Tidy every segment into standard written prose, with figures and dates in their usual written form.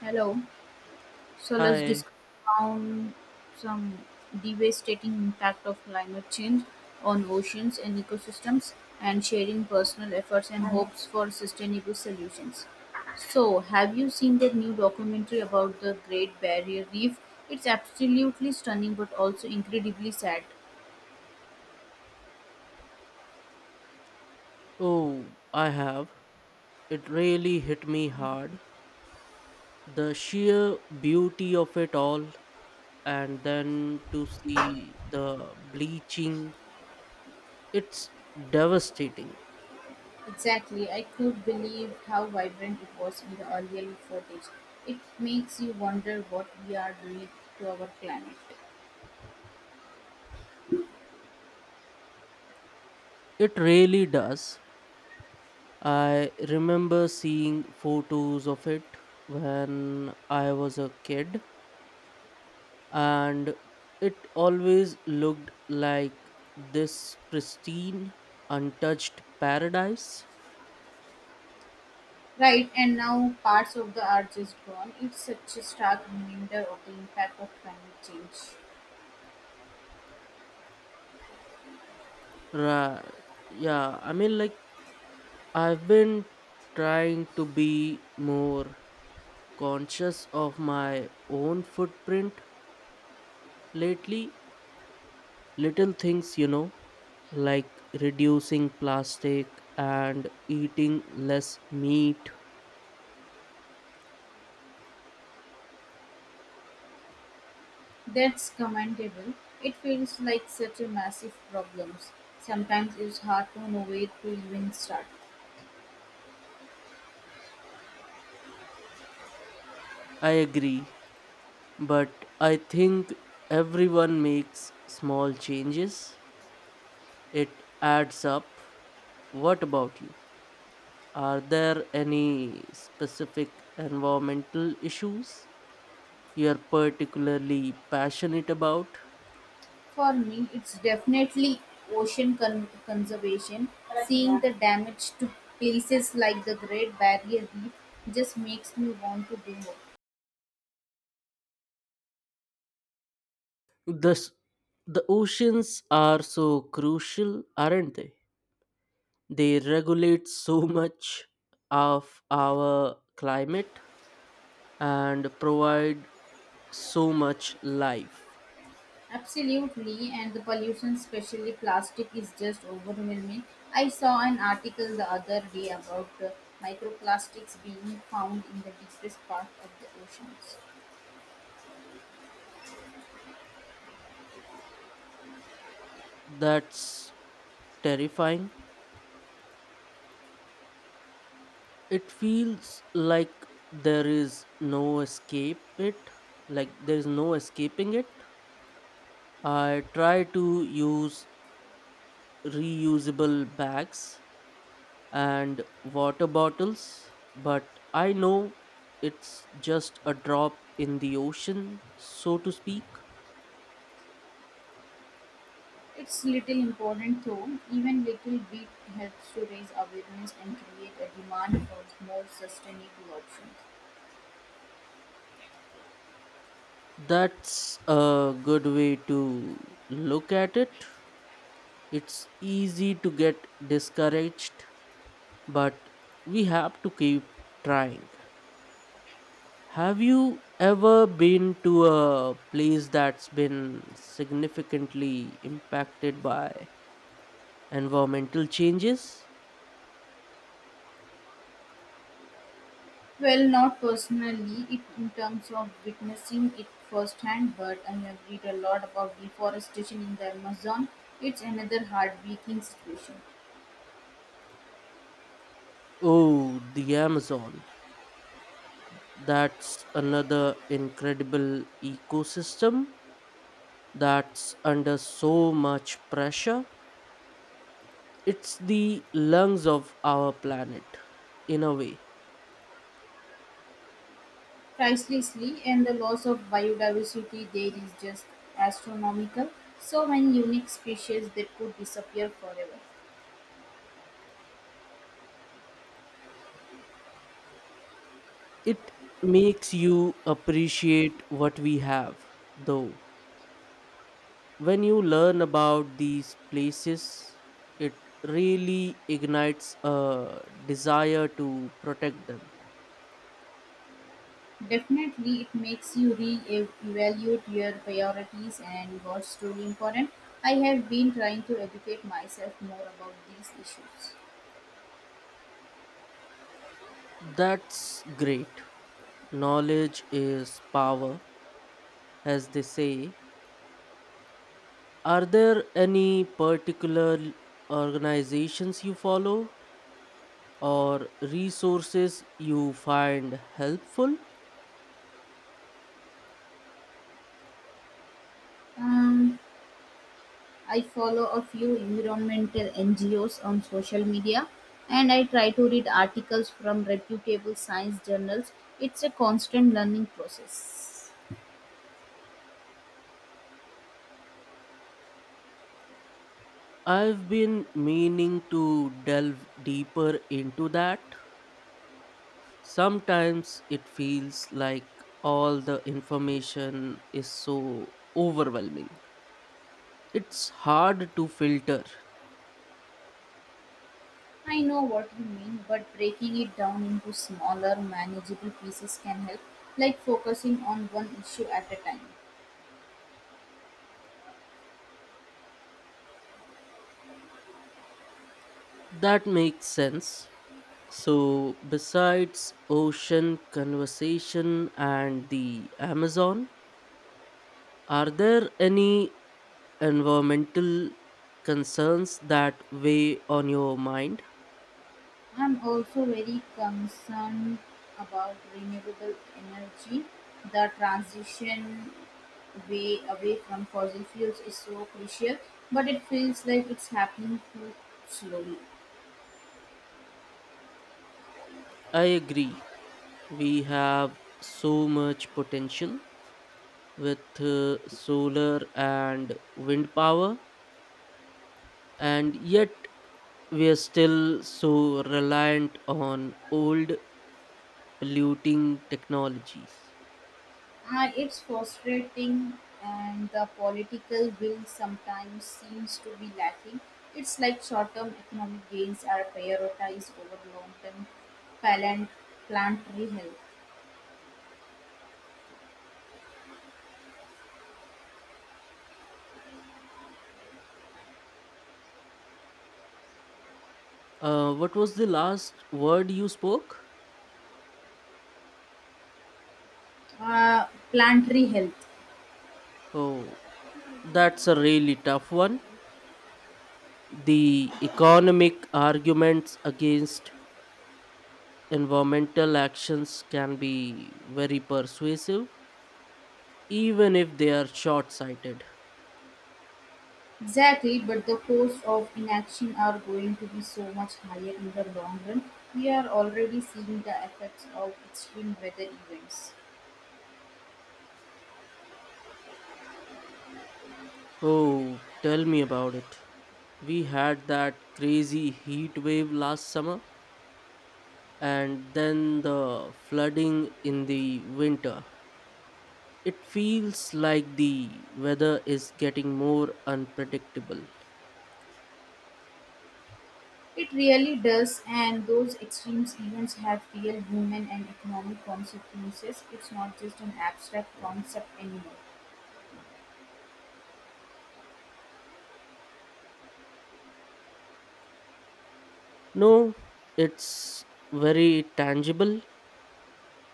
Hello. So let's Hi. discuss on some devastating impact of climate change on oceans and ecosystems and sharing personal efforts and hopes for sustainable solutions. So, have you seen that new documentary about the Great Barrier Reef? It's absolutely stunning but also incredibly sad. Oh, I have. It really hit me hard. The sheer beauty of it all, and then to see the bleaching, it's devastating. Exactly. I could believe how vibrant it was in the earlier footage. It makes you wonder what we are doing to our planet. It really does. I remember seeing photos of it when I was a kid, and it always looked like this pristine, untouched paradise. Right, and now parts of the arch is gone. It's such a stark reminder of the impact of climate change. Ra- yeah, I mean, like I've been trying to be more conscious of my own footprint lately. Little things, like reducing plastic and eating less meat. That's commendable. It feels like such a massive problem. Sometimes it's hard to know where to even start. I agree, but I think everyone makes small changes. It adds up. What about you? Are there any specific environmental issues you're particularly passionate about? For me, it's definitely conservation. Seeing the damage to places like the Great Barrier Reef just makes me want to do more. The, s- the oceans are so crucial, aren't they? They regulate so much of our climate and provide so much life. Absolutely, and the pollution, especially plastic, is just overwhelming. I saw an article the other day about microplastics being found in the deepest part of the oceans. That's terrifying. It feels like there is no escape it, like there is no escaping it. I try to use reusable bags and water bottles, but I know it's just a drop in the ocean, so to speak. It's little important though, even little bit helps to raise awareness and create a demand for more sustainable options. That's a good way to look at it. It's easy to get discouraged, but we have to keep trying. Have you ever been to a place that's been significantly impacted by environmental changes? Well, not personally, it in terms of witnessing it firsthand, but I have read a lot about deforestation in the Amazon. It's another heartbreaking situation. Oh, the Amazon. That's another incredible ecosystem that's under so much pressure. It's the lungs of our planet, in a way. Pricelessly, and the loss of biodiversity there is just astronomical. So many unique species that could disappear forever. It makes you appreciate what we have, though. When you learn about these places, it really ignites a desire to protect them. Definitely, it makes you re-evaluate your priorities and what's truly important. I have been trying to educate myself more about these issues. That's great. Knowledge is power, as they say. Are there any particular organizations you follow or resources you find helpful? Um, I follow a few environmental NGOs on social media, and I try to read articles from reputable science journals. It's a constant learning process. I've been meaning to delve deeper into that. Sometimes it feels like all the information is so overwhelming. It's hard to filter. I know what you mean, but breaking it down into smaller, manageable pieces can help, like focusing on one issue at a time. That makes sense. So, besides ocean conversation and the Amazon, are there any environmental concerns that weigh on your mind? I'm also very concerned about renewable energy. The transition way away from fossil fuels is so crucial, but it feels like it's happening too slowly. I agree. We have so much potential with solar and wind power, and yet we are still so reliant on old polluting technologies. It's frustrating, and the political will sometimes seems to be lacking. It's like short term economic gains are prioritized over long term plant, planetary health. What was the last word you spoke? Planetary health. Oh, that's a really tough one. The economic arguments against environmental actions can be very persuasive, even if they are short sighted. Exactly, but the cost of inaction are going to be so much higher in the long run. We are already seeing the effects of extreme weather events. Oh, tell me about it. We had that crazy heat wave last summer, and then the flooding in the winter. It feels like the weather is getting more unpredictable. It really does, and those extreme events have real human and economic consequences. It's not just an abstract concept anymore. No, it's very tangible.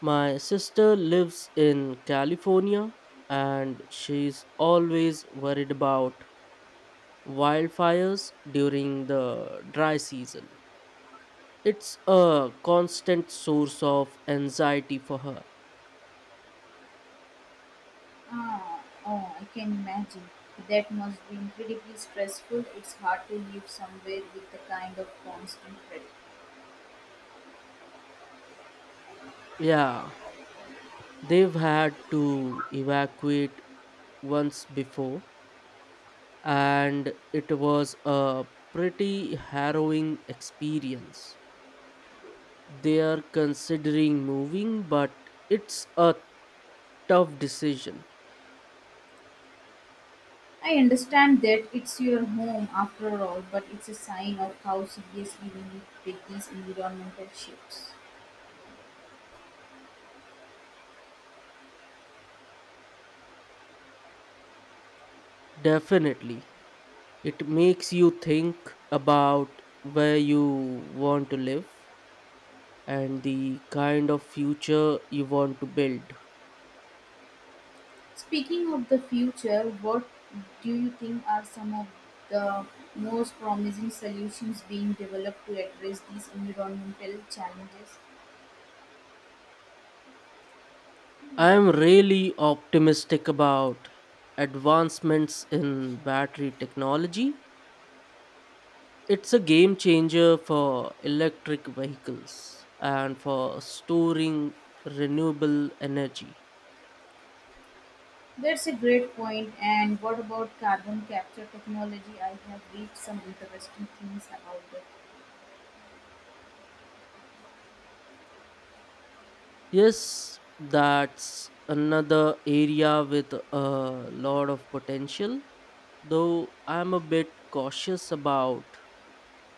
My sister lives in California and she's always worried about wildfires during the dry season. It's a constant source of anxiety for her. Oh, I can imagine. That must be incredibly stressful. It's hard to live somewhere with the kind of constant threat. Yeah, they've had to evacuate once before, and it was a pretty harrowing experience. They are considering moving, but it's a tough decision. I understand that it's your home after all, but it's a sign of how seriously we need to take these environmental shifts. Definitely. It makes you think about where you want to live and the kind of future you want to build. Speaking of the future, what do you think are some of the most promising solutions being developed to address these environmental challenges? I am really optimistic about advancements in battery technology. It's a game changer for electric vehicles and for storing renewable energy. That's a great point. And what about carbon capture technology? I have read some interesting things about that. Yes, that's another area with a lot of potential, though I'm a bit cautious about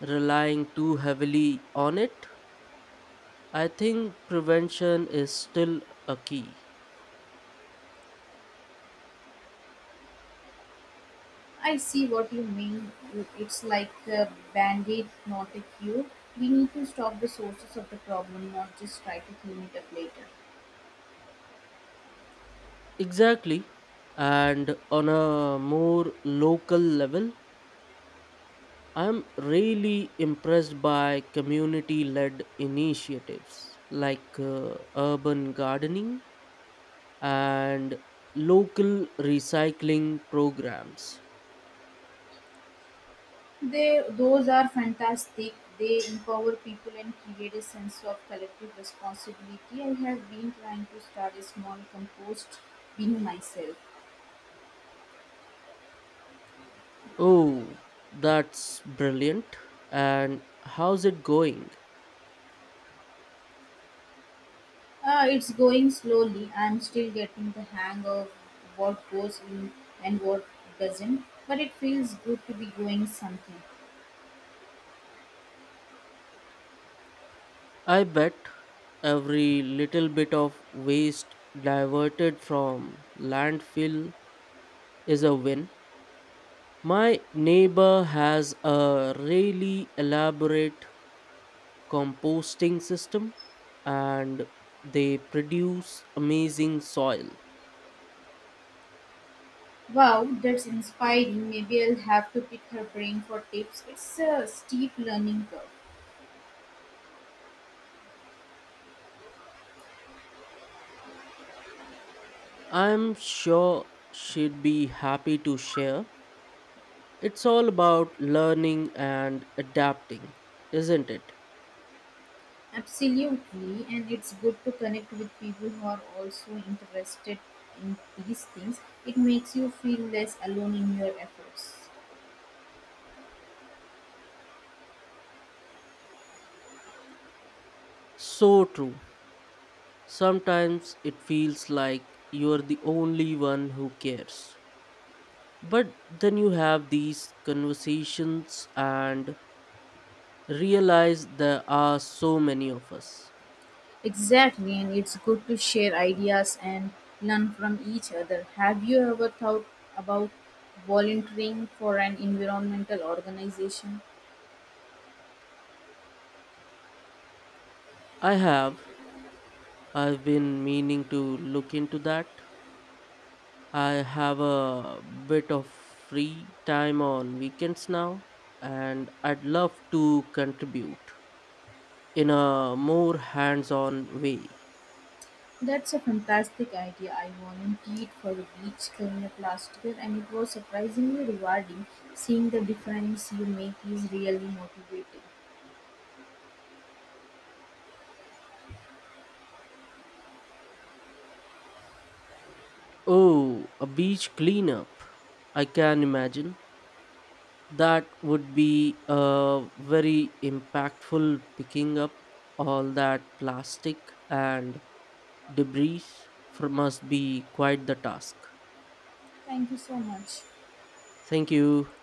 relying too heavily on it. I think prevention is still a key. I see what you mean. It's like a band-aid, not a cure. We need to stop the sources of the problem, not just try to clean it up later. Exactly. And on a more local level, I'm really impressed by community led initiatives like urban gardening and local recycling programs. They Those are fantastic. They empower people and create a sense of collective responsibility. I have been trying to start a small compost bin myself. Oh, that's brilliant. And how's it going? It's going slowly. I'm still getting the hang of what goes in and what doesn't, but it feels good to be doing something. I bet every little bit of waste diverted from landfill is a win. My neighbor has a really elaborate composting system and they produce amazing soil. Wow, that's inspiring. Maybe I'll have to pick her brain for tips. It's a steep learning curve. I'm sure she'd be happy to share. It's all about learning and adapting, isn't it? Absolutely, and it's good to connect with people who are also interested in these things. It makes you feel less alone in your efforts. So true. Sometimes it feels like you're the only one who cares. But then you have these conversations and realize there are so many of us. Exactly, and it's good to share ideas and learn from each other. Have you ever thought about volunteering for an environmental organization? I have. I've been meaning to look into that. I have a bit of free time on weekends now, and I'd love to contribute in a more hands on way. That's a fantastic idea. I volunteered for a beach cleanup last year, and it was surprisingly rewarding. Seeing the difference you make is really motivating. Oh, a beach cleanup. I can imagine. That would be a very impactful picking up all that plastic and debris for must be quite the task. Thank you so much. Thank you.